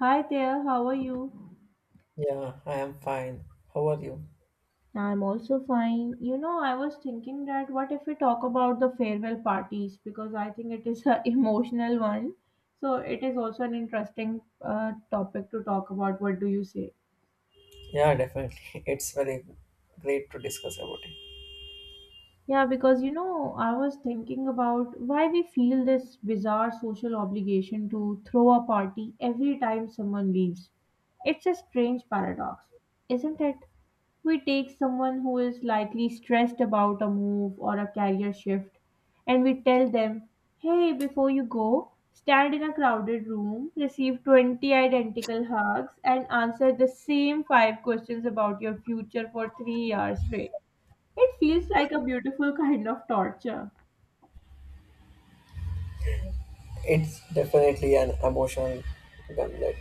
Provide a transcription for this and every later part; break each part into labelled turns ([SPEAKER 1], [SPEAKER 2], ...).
[SPEAKER 1] Hi there, how are you?
[SPEAKER 2] Yeah, I am fine. How are you?
[SPEAKER 1] I'm also fine. You know, I was thinking that what if we talk about the farewell parties because I think it is an emotional one. So it is also an interesting topic to talk about. What do you say?
[SPEAKER 2] Yeah, definitely. It's very great to discuss about it.
[SPEAKER 1] Yeah, because you know, I was thinking about why we feel this bizarre social obligation to throw a party every time someone leaves. It's a strange paradox, isn't it? We take someone who is likely stressed about a move or a career shift, and we tell them, hey, before you go, stand in a crowded room, receive 20 identical hugs, and answer the same five questions about your future for 3 hours straight. It feels like a beautiful kind of torture.
[SPEAKER 2] It's definitely an emotional gauntlet,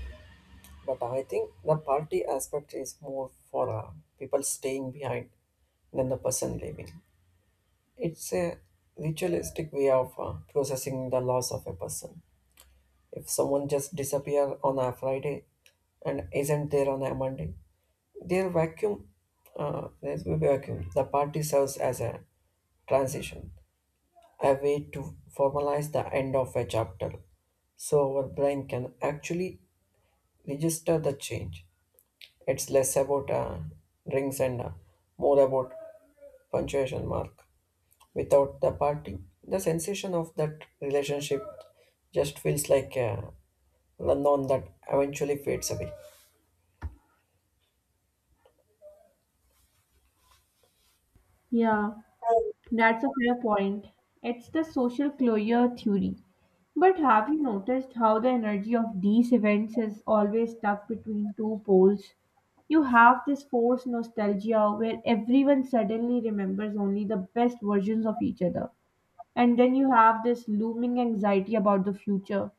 [SPEAKER 2] but I think the party aspect is more for people staying behind than the person leaving. It's a ritualistic way of processing the loss of a person. If someone just disappear on a Friday and isn't there on a Monday, their vacuum, there will be vacuum. The party serves as a transition, a way to formalize the end of a chapter so our brain can actually register the change. It's less about rings and more about punctuation mark. Without the party, the sensation of that relationship just feels like a unknown that eventually fades away.
[SPEAKER 1] Yeah, that's a fair point. It's the social closure theory. But have you noticed how the energy of these events is always stuck between two poles? You have this forced nostalgia where everyone suddenly remembers only the best versions of each other, and then you have this looming anxiety about the future.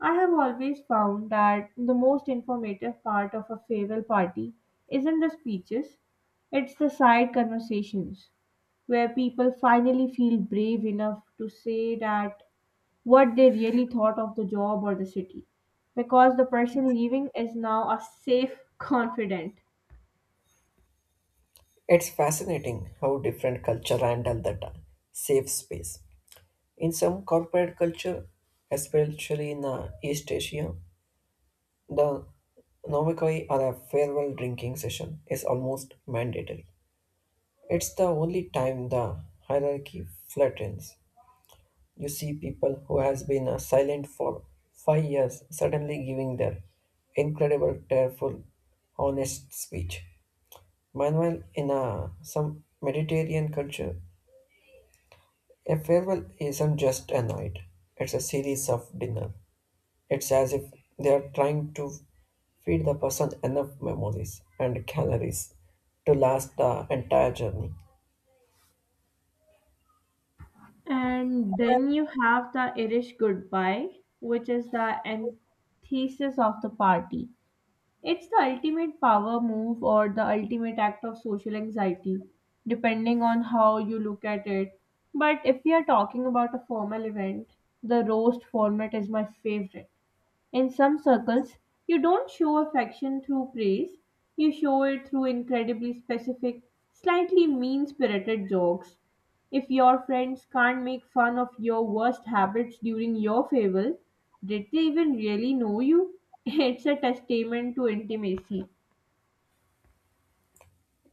[SPEAKER 1] I have always found that the most informative part of a farewell party isn't the speeches, it's the side conversations where people finally feel brave enough to say that what they really thought of the job or the city because the person leaving is now a safe confidant.
[SPEAKER 2] It's fascinating how different culture handle that safe space. In some corporate culture, especially in East Asia, the Nomikoi or a farewell drinking session is almost mandatory. It's the only time the hierarchy flattens. You see people who has been silent for 5 years suddenly giving their incredible, tearful, honest speech. Meanwhile, in some Mediterranean culture, a farewell isn't just a night; it's a series of dinners. It's as if they are trying to feed the person enough memories and calories to last the entire journey.
[SPEAKER 1] And then you have the Irish goodbye, which is the antithesis of the party. It's the ultimate power move or the ultimate act of social anxiety, depending on how you look at it. But if we are talking about a formal event, the roast format is my favorite. In some circles, you don't show affection through praise, you show it through incredibly specific, slightly mean spirited jokes. If your friends can't make fun of your worst habits during your fable, did they even really know you? It's a testament to intimacy.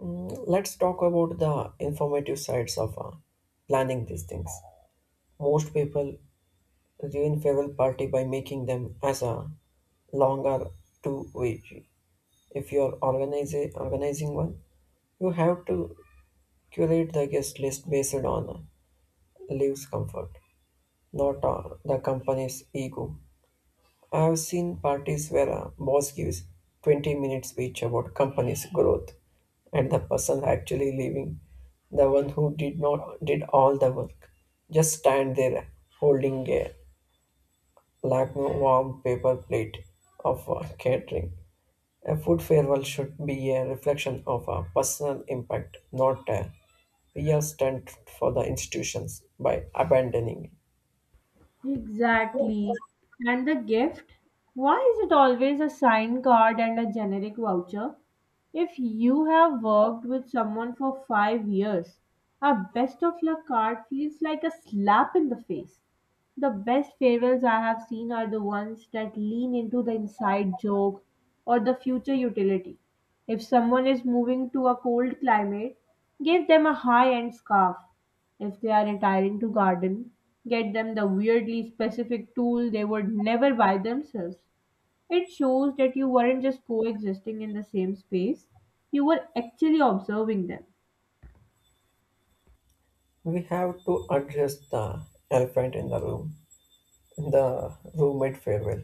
[SPEAKER 2] Let's talk about the informative sides of planning these things. Most people ruin farewell party by making them as a longer to wait. If you are organizing one, you have to curate the guest list based on leaves comfort, not the company's ego. I have seen parties where a boss gives 20-minute speech about company's growth and the person actually leaving, the one who did not did all the work, just stand there holding a lagno warm paper plate of catering. A food farewell should be a reflection of a personal impact, not a PR stunt for the institutions by abandoning.
[SPEAKER 1] Exactly. And the gift? Why is it always a signed card and a generic voucher? If you have worked with someone for 5 years, a best of luck card feels like a slap in the face. The best farewells I have seen are the ones that lean into the inside joke or the future utility. If someone is moving to a cold climate, give them a high end scarf. If they are retiring to garden, get them the weirdly specific tool they would never buy themselves. It shows that you weren't just coexisting in the same space, you were actually observing them.
[SPEAKER 2] We have to address the elephant in the room. The roommate farewell.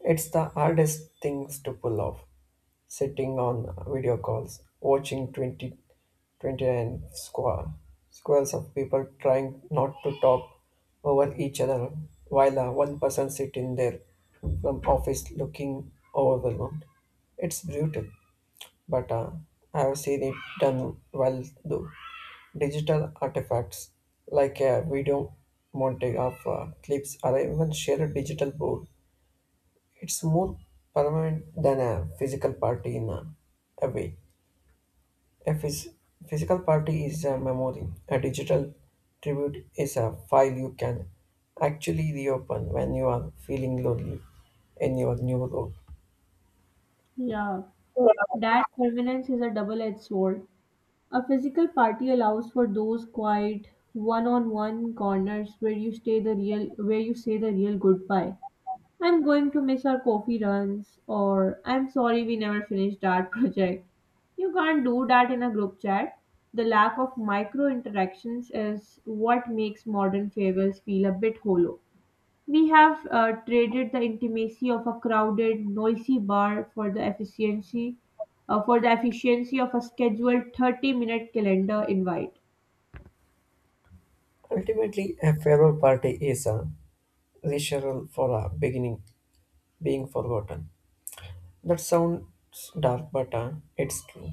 [SPEAKER 2] It's the hardest things to pull off. Sitting on video calls, watching twenty, twenty nine 29 squirrels of people trying not to talk over each other while one person sitting there from office looking overwhelmed. It's brutal but I have seen it done well though. Digital artifacts like a video montage of clips or even share a digital board. It's more permanent than a physical party in a way. A physical party is a memory. A digital tribute is a file you can actually reopen when you are feeling lonely in your new role.
[SPEAKER 1] Yeah, that permanence is a double edged sword. A physical party allows for those quiet one on one corners where you stay the real where you say the real goodbye. I'm going to miss our coffee runs, or I'm sorry we never finished our project. You can't do that in a group chat. The lack of micro interactions is what makes modern favors feel a bit hollow. We have traded the intimacy of a crowded, noisy bar for the efficiency of a scheduled 30-minute calendar invite.
[SPEAKER 2] Ultimately, a farewell party is a rehearsal for a beginning being forgotten. That sounds dark, but it's true.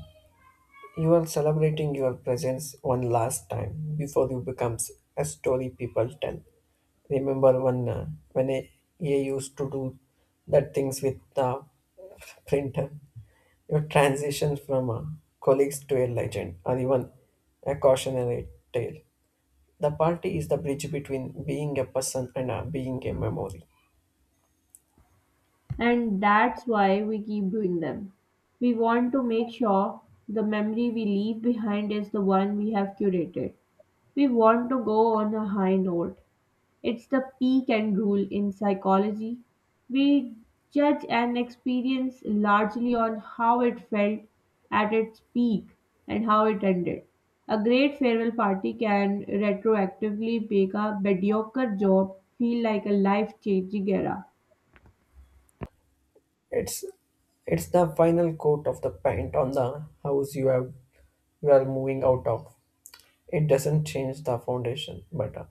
[SPEAKER 2] You are celebrating your presence one last time before you becomes a story people tell. Remember when I used to do that things with the printer. Your transition from a colleagues to a legend or even a cautionary tale. The party is the bridge between being a person and being a memory.
[SPEAKER 1] And that's why we keep doing them. We want to make sure the memory we leave behind is the one we have curated. We want to go on a high note. It's the peak and rule in psychology. We judge an experience largely on how it felt at its peak and how it ended. A great farewell party can retroactively make a mediocre job feel like a life changing era.
[SPEAKER 2] It's it's the final coat of the paint on the house you are moving out of. It doesn't change the foundation, but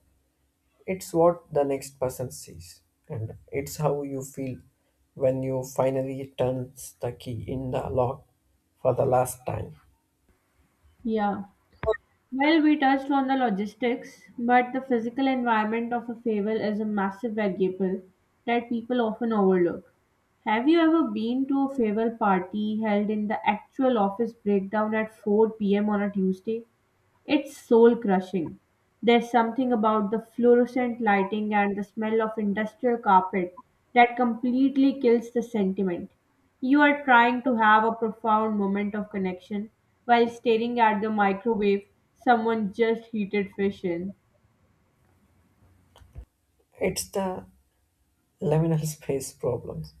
[SPEAKER 2] it's what the next person sees, and it's how you feel when you finally turns the key in the lock for the last time.
[SPEAKER 1] Yeah. Well, we touched on the logistics, but the physical environment of a festival is a massive variable that people often overlook. Have you ever been to a festival party held in the actual office breakdown at 4 p.m. on a Tuesday? It's soul crushing. There's something about the fluorescent lighting and the smell of industrial carpet that completely kills the sentiment. You are trying to have a profound moment of connection while staring at the microwave someone just heated fish in.
[SPEAKER 2] It's the liminal space problems.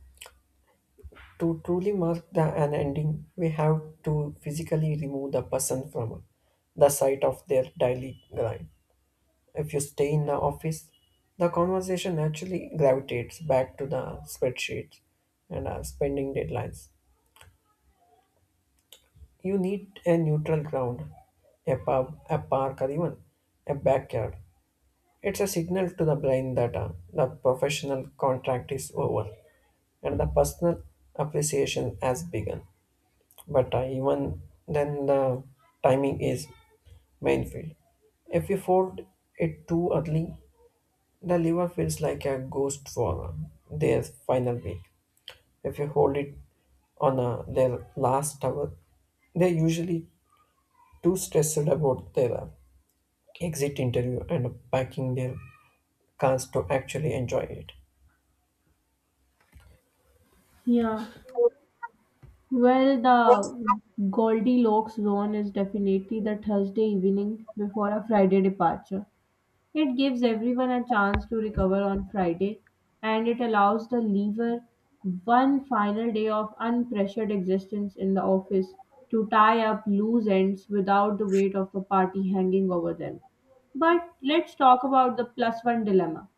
[SPEAKER 2] To truly mark an ending, we have to physically remove the person from the site of their daily grind. If you stay in the office, the conversation naturally gravitates back to the spreadsheets and spending deadlines. You need a neutral ground, a pub, a park, or even a backyard. It's a signal to the brain that the professional contract is over and the personal appreciation has begun. But even then, the timing is main field. If you fold it too early, the liver feels like a ghost for their final week. If you hold it on their last hour, they're usually too stressed about their exit interview and packing their cars to actually enjoy it.
[SPEAKER 1] Yeah. Well, the Goldilocks zone is definitely the Thursday evening before a Friday departure. It gives everyone a chance to recover on Friday and it allows the leaver one final day of unpressured existence in the office to tie up loose ends without the weight of the party hanging over them. But let's talk about the plus one dilemma,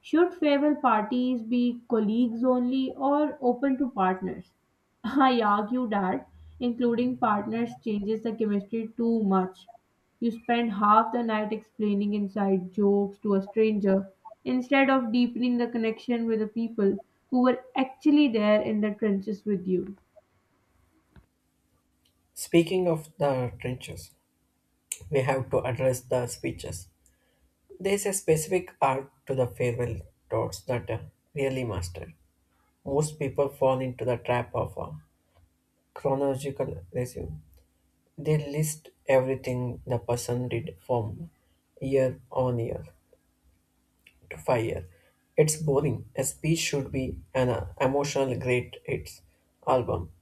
[SPEAKER 1] should favor parties be colleagues only or open to partners? I argue that including partners changes the chemistry too much. You spend half the night explaining inside jokes to a stranger instead of deepening the connection with the people who were actually there in the trenches with you.
[SPEAKER 2] Speaking of the trenches, we have to address the speeches. There's a specific art to the farewell thoughts that really master. Most people fall into the trap of a chronological resume. They list everything the person did from year on year to 5 year. It's boring. A speech should be an emotional great hits album.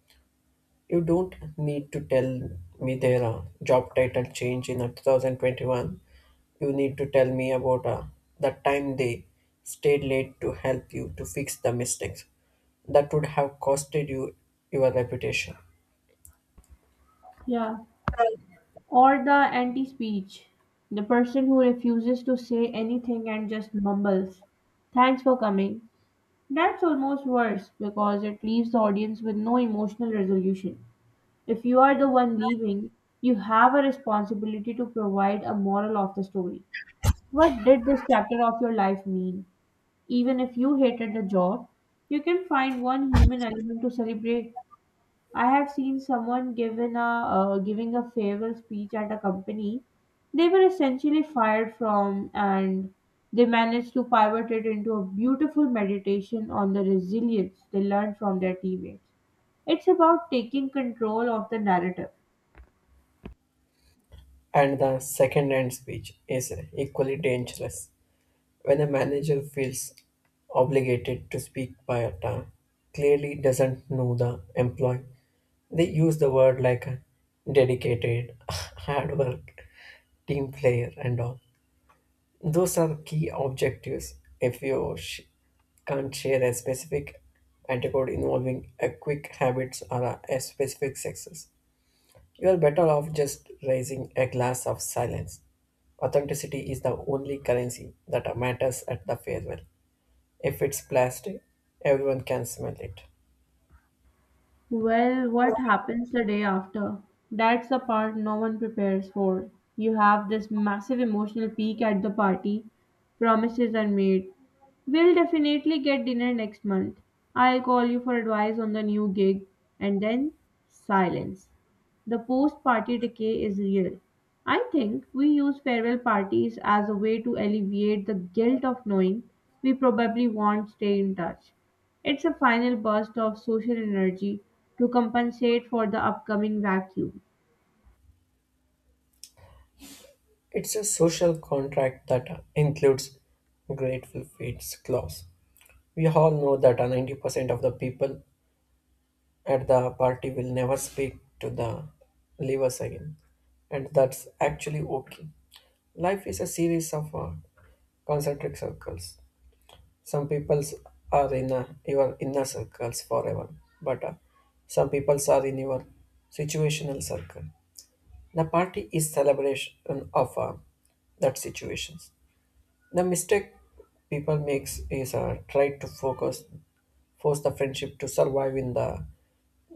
[SPEAKER 2] You don't need to tell me their job title change in 2021. You need to tell me about the time they stayed late to help you to fix the mistakes that would have costed you your reputation.
[SPEAKER 1] Yeah. Or the anti speech. The person who refuses to say anything and just mumbles. Thanks for coming. That's almost worse because it leaves the audience with no emotional resolution. If you are the one leaving, you have a responsibility to provide a moral of the story. What did this chapter of your life mean? Even if you hated the job, you can find one human element to celebrate. I have seen someone given a giving a farewell speech at a company they were essentially fired from, and they managed to pivot it into a beautiful meditation on the resilience they learned from their teammates. It's about taking control of the narrative.
[SPEAKER 2] And the second end speech is equally dangerous. When a manager feels obligated to speak by a tongue, clearly doesn't know the employee. They use the word like a dedicated, hard work, team player, and all. Those are key objectives. If you can't share a specific antidote involving a quick habits or a specific success, you are better off just raising a glass of silence. Authenticity is the only currency that matters at the farewell. If it's plastic, everyone can smell it.
[SPEAKER 1] Well, what happens the day after? That's the part no one prepares for. You have this massive emotional peak at the party. Promises are made. We'll definitely get dinner next month. I'll call you for advice on the new gig. And then, silence. The post party decay is real. I think we use farewell parties as a way to alleviate the guilt of knowing we probably won't stay in touch. It's a final burst of social energy to compensate for the upcoming vacuum.
[SPEAKER 2] It's a social contract that includes grateful feeds clause. We all know that 90% of the people at the party will never speak to the leavers again, and that's actually okay. Life is a series of concentric circles. Some people are in your inner circles forever, but some people are in your situational circle. The party is celebration of that situations. The mistake people makes is try to focus, force the friendship to survive in the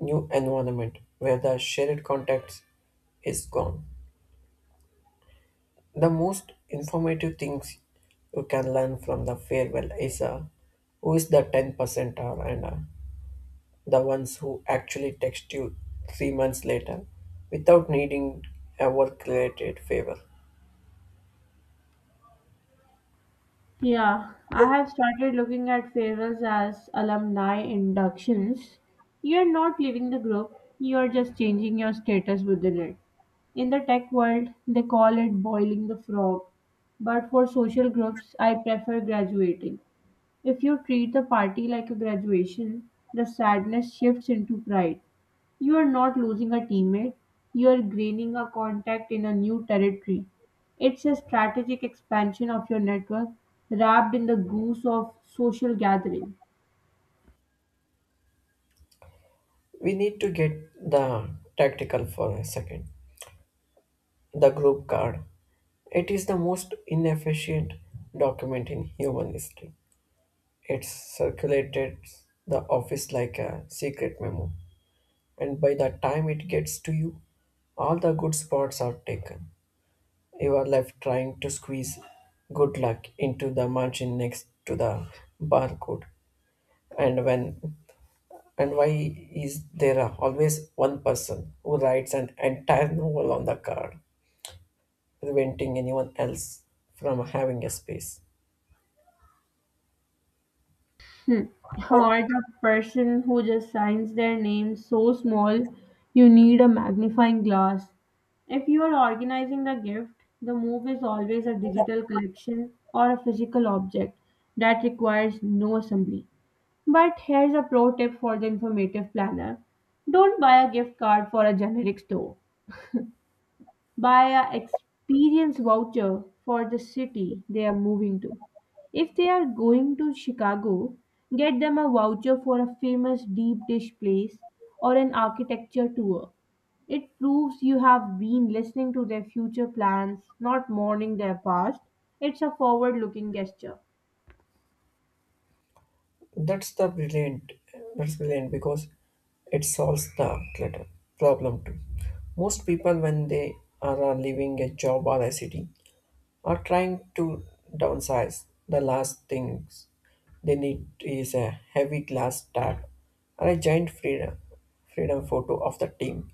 [SPEAKER 2] new environment where the shared context is gone. The most informative things you can learn from the farewell is who is the 10% are and the ones who actually text you 3 months later without needing a work related favor.
[SPEAKER 1] Yeah, I have started looking at farewells as alumni inductions. You're not leaving the group, you're just changing your status within it. In the tech world, they call it boiling the frog, but for social groups, I prefer graduating. If you treat the party like a graduation, the sadness shifts into pride. You are not losing a teammate, you are gaining a contact in a new territory. It's a strategic expansion of your network wrapped in the goose of social gathering.
[SPEAKER 2] We need to get the tactical for a second. The group card. It is the most inefficient document in human history. It circulated the office like a secret memo. And by the time it gets to you, all the good spots are taken. You are left trying to squeeze good luck into the margin next to the barcode. And when And why is there always one person who writes an entire novel on the card, preventing anyone else from having a space?
[SPEAKER 1] Hmm. Or the person who just signs their name so small you need a magnifying glass. If you are organizing the gift, the move is always a digital collection or a physical object that requires no assembly. But here's a pro tip for the informative planner. Don't buy a gift card for a generic store. Buy a experience voucher for the city they are moving to. If they are going to Chicago, get them a voucher for a famous deep dish place or an architecture tour. It proves you have been listening to their future plans, not mourning their past. It's a forward looking gesture.
[SPEAKER 2] That's the brilliant. That's brilliant because it solves the clutter problem too. Most people, when they are leaving a job or a city, are trying to downsize. The last things they need is a heavy glass tag or a giant freedom photo of the team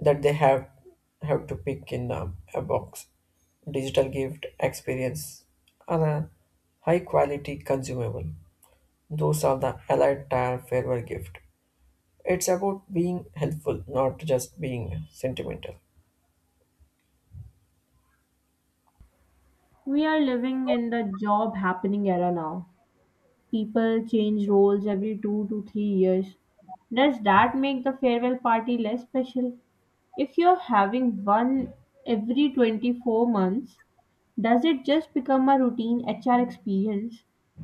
[SPEAKER 2] that they have to pick in a box. Digital gift experience and a high quality consumable, those are the allied tire farewell gift. It's about being helpful, not just being sentimental.
[SPEAKER 1] We are living in the job happening era now. People change roles every 2 to 3 years. Does that make the farewell party less special? If you're having one every 24 months, does it just become a routine HR experience?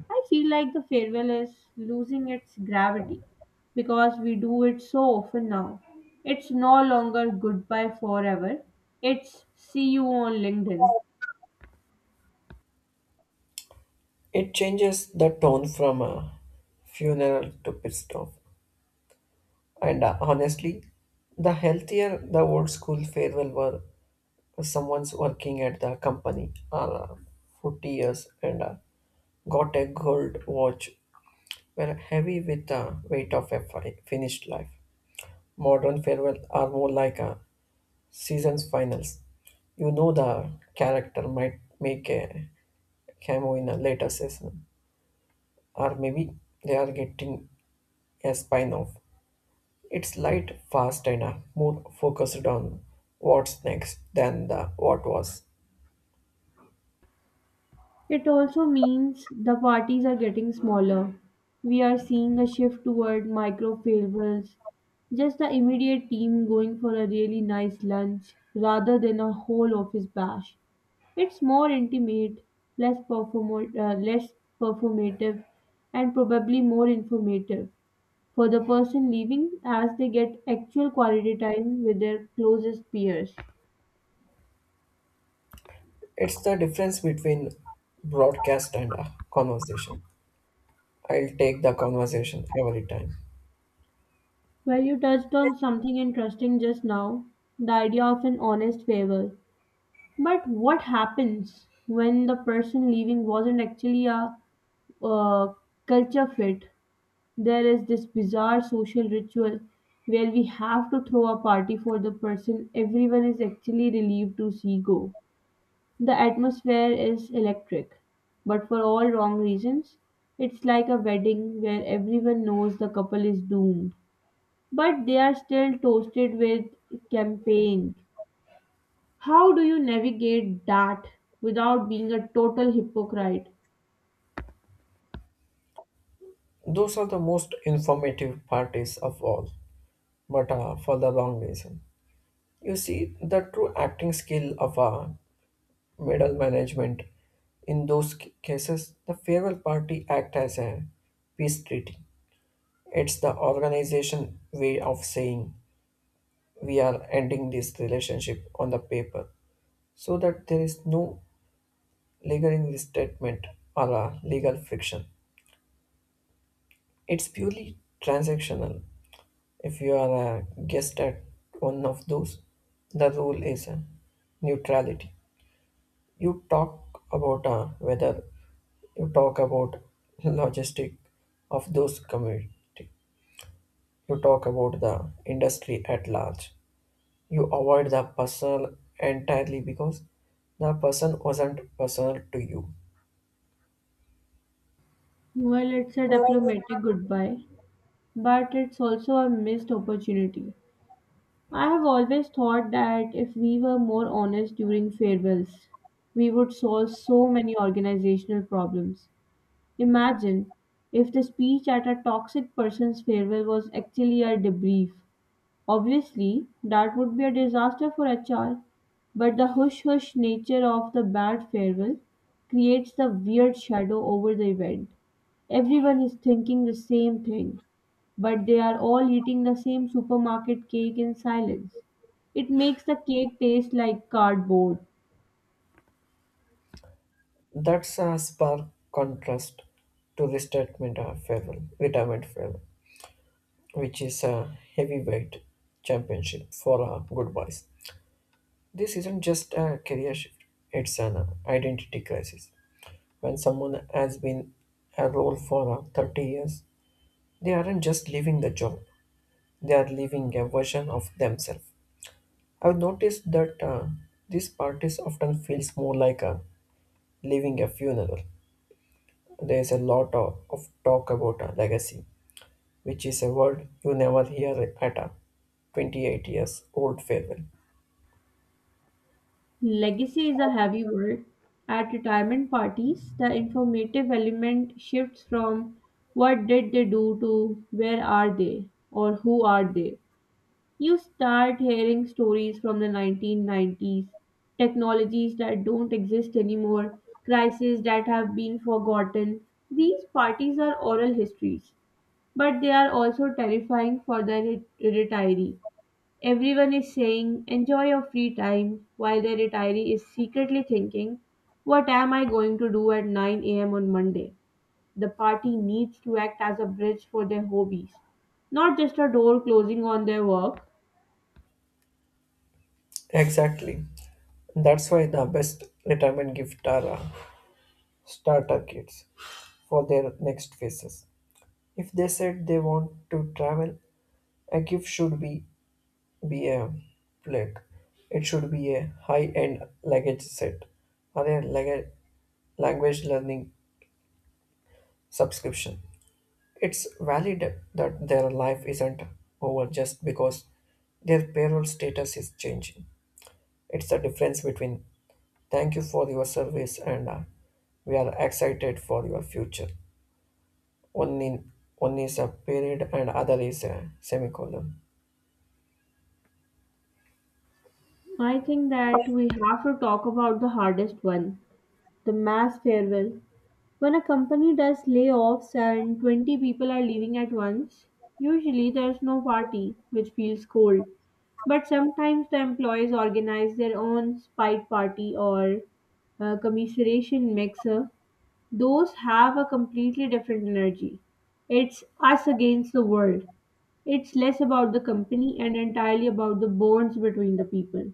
[SPEAKER 1] I feel like the farewell is losing its gravity because we do it so often now. It's no longer goodbye forever, it's see you on LinkedIn.
[SPEAKER 2] It changes the tone from a funeral to pissed off and honestly, the healthier the old school farewell were someone's working at the company 40 years and got a gold watch, were heavy with the weight of a finished life. Modern farewell are more like a season's finals. You know the character might make a cameo in a later season, or maybe they are getting a spin-off. It's light, fast, and more focused on what's next than the what was.
[SPEAKER 1] It also means the parties are getting smaller. We are seeing a shift toward micro favors, just the immediate team going for a really nice lunch rather than a whole office bash. It's more intimate, less performative, and probably more informative for the person leaving as they get actual quality time with their closest peers.
[SPEAKER 2] It's the difference between broadcast and a conversation. I'll take the conversation every time.
[SPEAKER 1] Well, you touched on something interesting just now, the idea of an honest favor. But what happens when the person leaving wasn't actually a uh, culture fit? There is this bizarre social ritual where we have to throw a party for the person everyone is actually relieved to see go. The atmosphere is electric, but for all wrong reasons. It's like a wedding where everyone knows the couple is doomed, but they are still toasted with champagne. How do you navigate that without being a total hypocrite?
[SPEAKER 2] Those are the most informative parties of all, but for the wrong reason. You see, the true acting skill of a middle management in those cases, the farewell party act as a peace treaty. It's the organization way of saying we are ending this relationship on the paper, so that there is no lingering statement or legal friction. It's purely transactional. If you are a guest at one of those, the rule is neutrality. You talk about uh, whether you talk about logistic of those community. You talk about the industry at large. You avoid the personal entirely because the person wasn't personal to you.
[SPEAKER 1] Well, it's a diplomatic goodbye, but it's also a missed opportunity. I have always thought that if we were more honest during farewells, we would solve so many organizational problems. Imagine if the speech at a toxic person's farewell was actually a debrief. Obviously, that would be a disaster for HR, but the hush hush nature of the bad farewell creates the weird shadow over the event. Everyone is thinking the same thing, but they are all eating the same supermarket cake in silence. It makes the cake taste like cardboard.
[SPEAKER 2] That's a spark contrast to restatement of farewell, retirement farewell, which is a heavyweight championship for good boys. This isn't just a career shift, it's an identity crisis. When someone has been a role for 30 years, they aren't just leaving the job, they are leaving a version of themselves. I've noticed that these parties often feels more like a leaving a funeral. There's a lot of talk about a legacy, which is a word you never hear at a 28 years old farewell.
[SPEAKER 1] Legacy is a heavy word. At retirement parties, the informative element shifts from what did they do to where are they or who are they. You start hearing stories from the 1990s, technologies that don't exist anymore, crises that have been forgotten. These parties are oral histories, but they are also terrifying for the retiree. Everyone is saying, enjoy your free time, while the retiree is secretly thinking, what am I going to do at 9 a.m. on Monday? The party needs to act as a bridge for their hobbies, not just a door closing on their work.
[SPEAKER 2] Exactly. That's why the best retirement gift are starter kits for their next phases. If they said they want to travel, a gift should be a plate. It should be a high-end luggage set or a language learning subscription. It's valid that their life isn't over just because their payroll status is changing. It's the difference between Thank you for your service, and we are excited for your future. One is a period, and other is a semicolon.
[SPEAKER 1] I think that we have to talk about the hardest one, the mass farewell. When a company does layoffs and 20 people are leaving at once, usually there's no party, which feels cold. But sometimes the employees organize their own spite party or commiseration mixer. Those have a completely different energy. It's us against the world. It's less about the company and entirely about the bonds between the people.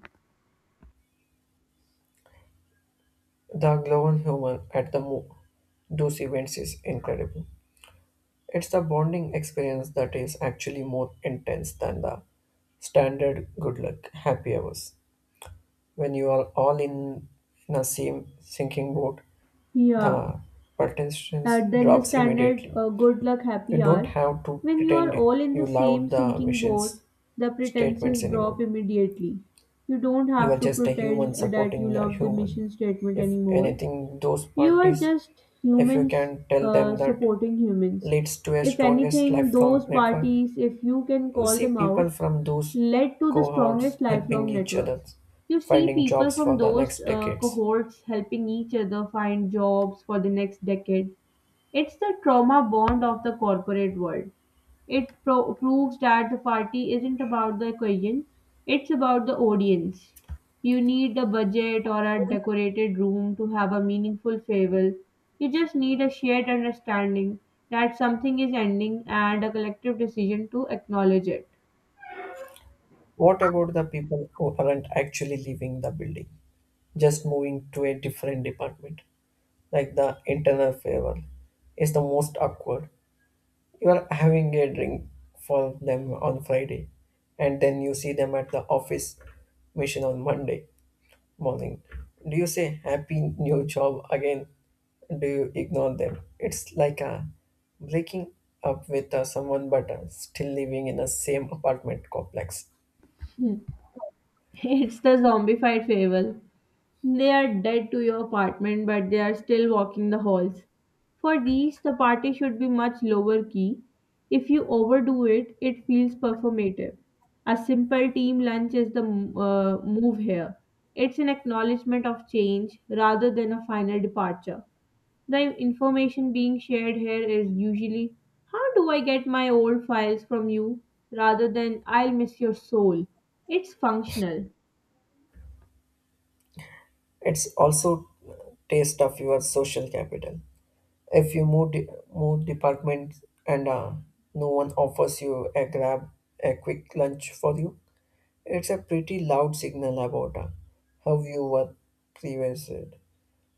[SPEAKER 2] The global human at the those events is incredible. It's the bonding experience that is actually more intense than the standard good luck happy hours. When you are all in a same sinking boat,
[SPEAKER 1] Yeah,
[SPEAKER 2] the pertension
[SPEAKER 1] then the
[SPEAKER 2] drops
[SPEAKER 1] standard
[SPEAKER 2] immediately.
[SPEAKER 1] good luck
[SPEAKER 2] You
[SPEAKER 1] happy
[SPEAKER 2] don't
[SPEAKER 1] hour.
[SPEAKER 2] have to
[SPEAKER 1] When you
[SPEAKER 2] pretend
[SPEAKER 1] are all in the
[SPEAKER 2] you love
[SPEAKER 1] same
[SPEAKER 2] the
[SPEAKER 1] sinking boat,
[SPEAKER 2] machine's
[SPEAKER 1] the
[SPEAKER 2] statements
[SPEAKER 1] pretenses
[SPEAKER 2] anymore.
[SPEAKER 1] drop immediately. You don't
[SPEAKER 2] You are
[SPEAKER 1] have to
[SPEAKER 2] just a human
[SPEAKER 1] pretend that you
[SPEAKER 2] supporting the
[SPEAKER 1] love the
[SPEAKER 2] human.
[SPEAKER 1] mission statement
[SPEAKER 2] If
[SPEAKER 1] anymore.
[SPEAKER 2] anything, those
[SPEAKER 1] You are
[SPEAKER 2] parties,
[SPEAKER 1] just
[SPEAKER 2] if you
[SPEAKER 1] humans
[SPEAKER 2] can tell them that
[SPEAKER 1] supporting humans.
[SPEAKER 2] leads to a
[SPEAKER 1] If
[SPEAKER 2] strongest
[SPEAKER 1] anything,
[SPEAKER 2] lifelong
[SPEAKER 1] those
[SPEAKER 2] network,
[SPEAKER 1] parties, if you can
[SPEAKER 2] you
[SPEAKER 1] call
[SPEAKER 2] see
[SPEAKER 1] them
[SPEAKER 2] people
[SPEAKER 1] out,
[SPEAKER 2] from those
[SPEAKER 1] led to the
[SPEAKER 2] cohorts
[SPEAKER 1] strongest
[SPEAKER 2] helping
[SPEAKER 1] lifelong
[SPEAKER 2] each other,
[SPEAKER 1] networks. You see
[SPEAKER 2] finding
[SPEAKER 1] people
[SPEAKER 2] jobs
[SPEAKER 1] from
[SPEAKER 2] for the
[SPEAKER 1] those
[SPEAKER 2] next decades.
[SPEAKER 1] cohorts helping each other find jobs for the next decade. It's the trauma bond of the corporate world. It proves that the party isn't about the occasion, it's about the audience. You need a budget or a decorated room to have a meaningful farewell. You just need a shared understanding that something is ending and a collective decision to acknowledge it.
[SPEAKER 2] What about the people who aren't actually leaving the building, just moving to a different department? Like the internal favor, is the most awkward. You are having a drink for them on Friday, and then you see them at the office mission on Monday morning. Do you say happy new job again? Do you ignore them? It's like a breaking up with someone but still living in the same apartment complex.
[SPEAKER 1] It's the zombified farewell. They are dead to your apartment, but they are still walking the halls. For these, the party should be much lower key. If you overdo it, it feels performative. A simple team lunch is the move here. It's an acknowledgement of change rather than a final departure. The information being shared here is usually, how do I get my old files from you, rather than, I'll miss your soul. It's functional.
[SPEAKER 2] It's also taste of your social capital. If you move departments and no one offers you a grab a quick lunch for you, it's a pretty loud signal about how you were previously.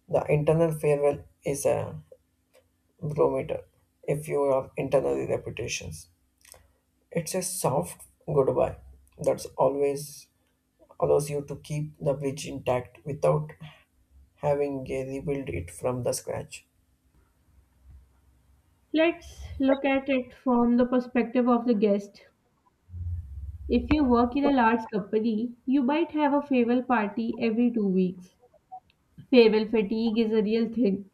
[SPEAKER 2] The internal farewell is a barometer. If you have internal reputations, it's a soft goodbye that's always allows you to keep the bridge intact without having rebuild it from the scratch.
[SPEAKER 1] Let's look at it from the perspective of the guest. If you work in a large company, you might have a farewell party every 2 weeks. Farewell fatigue is a real thing.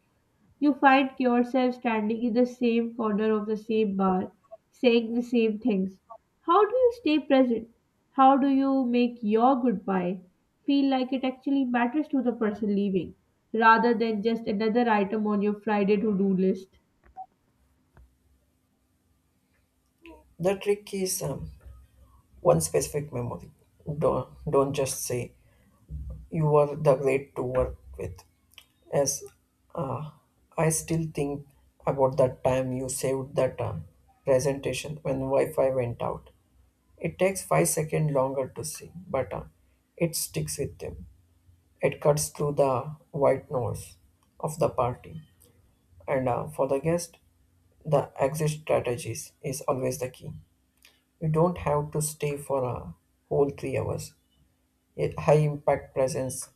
[SPEAKER 1] You find yourself standing in the same corner of the same bar, saying the same things. How do you stay present? How do you make your goodbye feel like it actually matters to the person leaving, rather than just another item on your Friday to do list?
[SPEAKER 2] The trick is one specific memory. Don't just say you were the great to work with. As uh, I still think about that time you saved that presentation when Wi-Fi went out. It takes 5 seconds longer to see, but it sticks with them. It cuts through the white noise of the party. And for the guest, the exit strategies is always the key. You don't have to stay for a whole 3 hours. A high impact presence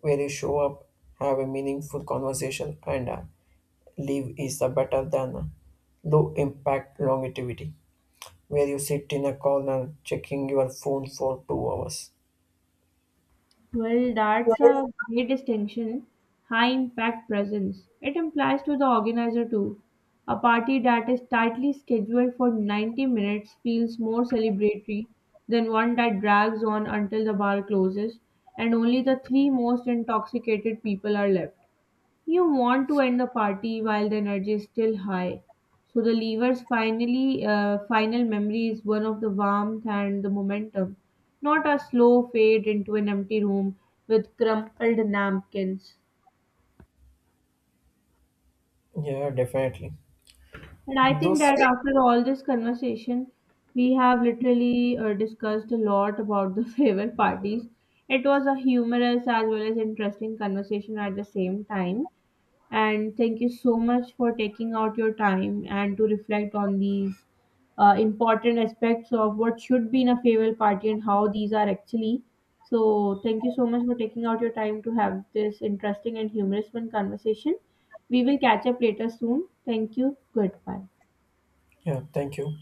[SPEAKER 2] where you show up, have a meaningful conversation, and leave is better than low impact longevity where you sit in a corner checking your phone for 2 hours.
[SPEAKER 1] Well, that's a great distinction. High impact presence. It implies to the organizer too. A party that is tightly scheduled for 90 minutes feels more celebratory than one that drags on until the bar closes and only the three most intoxicated people are left. You want to end the party while the energy is still high. So the lever's finally final memory is one of the warmth and the momentum, not a slow fade into an empty room with crumpled napkins.
[SPEAKER 2] Yeah, definitely.
[SPEAKER 1] And I think
[SPEAKER 2] Those,
[SPEAKER 1] that after all this conversation, we have literally discussed a lot about the favorite parties. It was a humorous as well as interesting conversation at the same time. And thank you so much for taking out your time and to reflect on these important aspects of what should be in a farewell party and how these are actually. So, thank you so much for taking out your time to have this interesting and humorous one conversation. We will catch up later soon. Thank you. Goodbye.
[SPEAKER 2] yeah, thank you.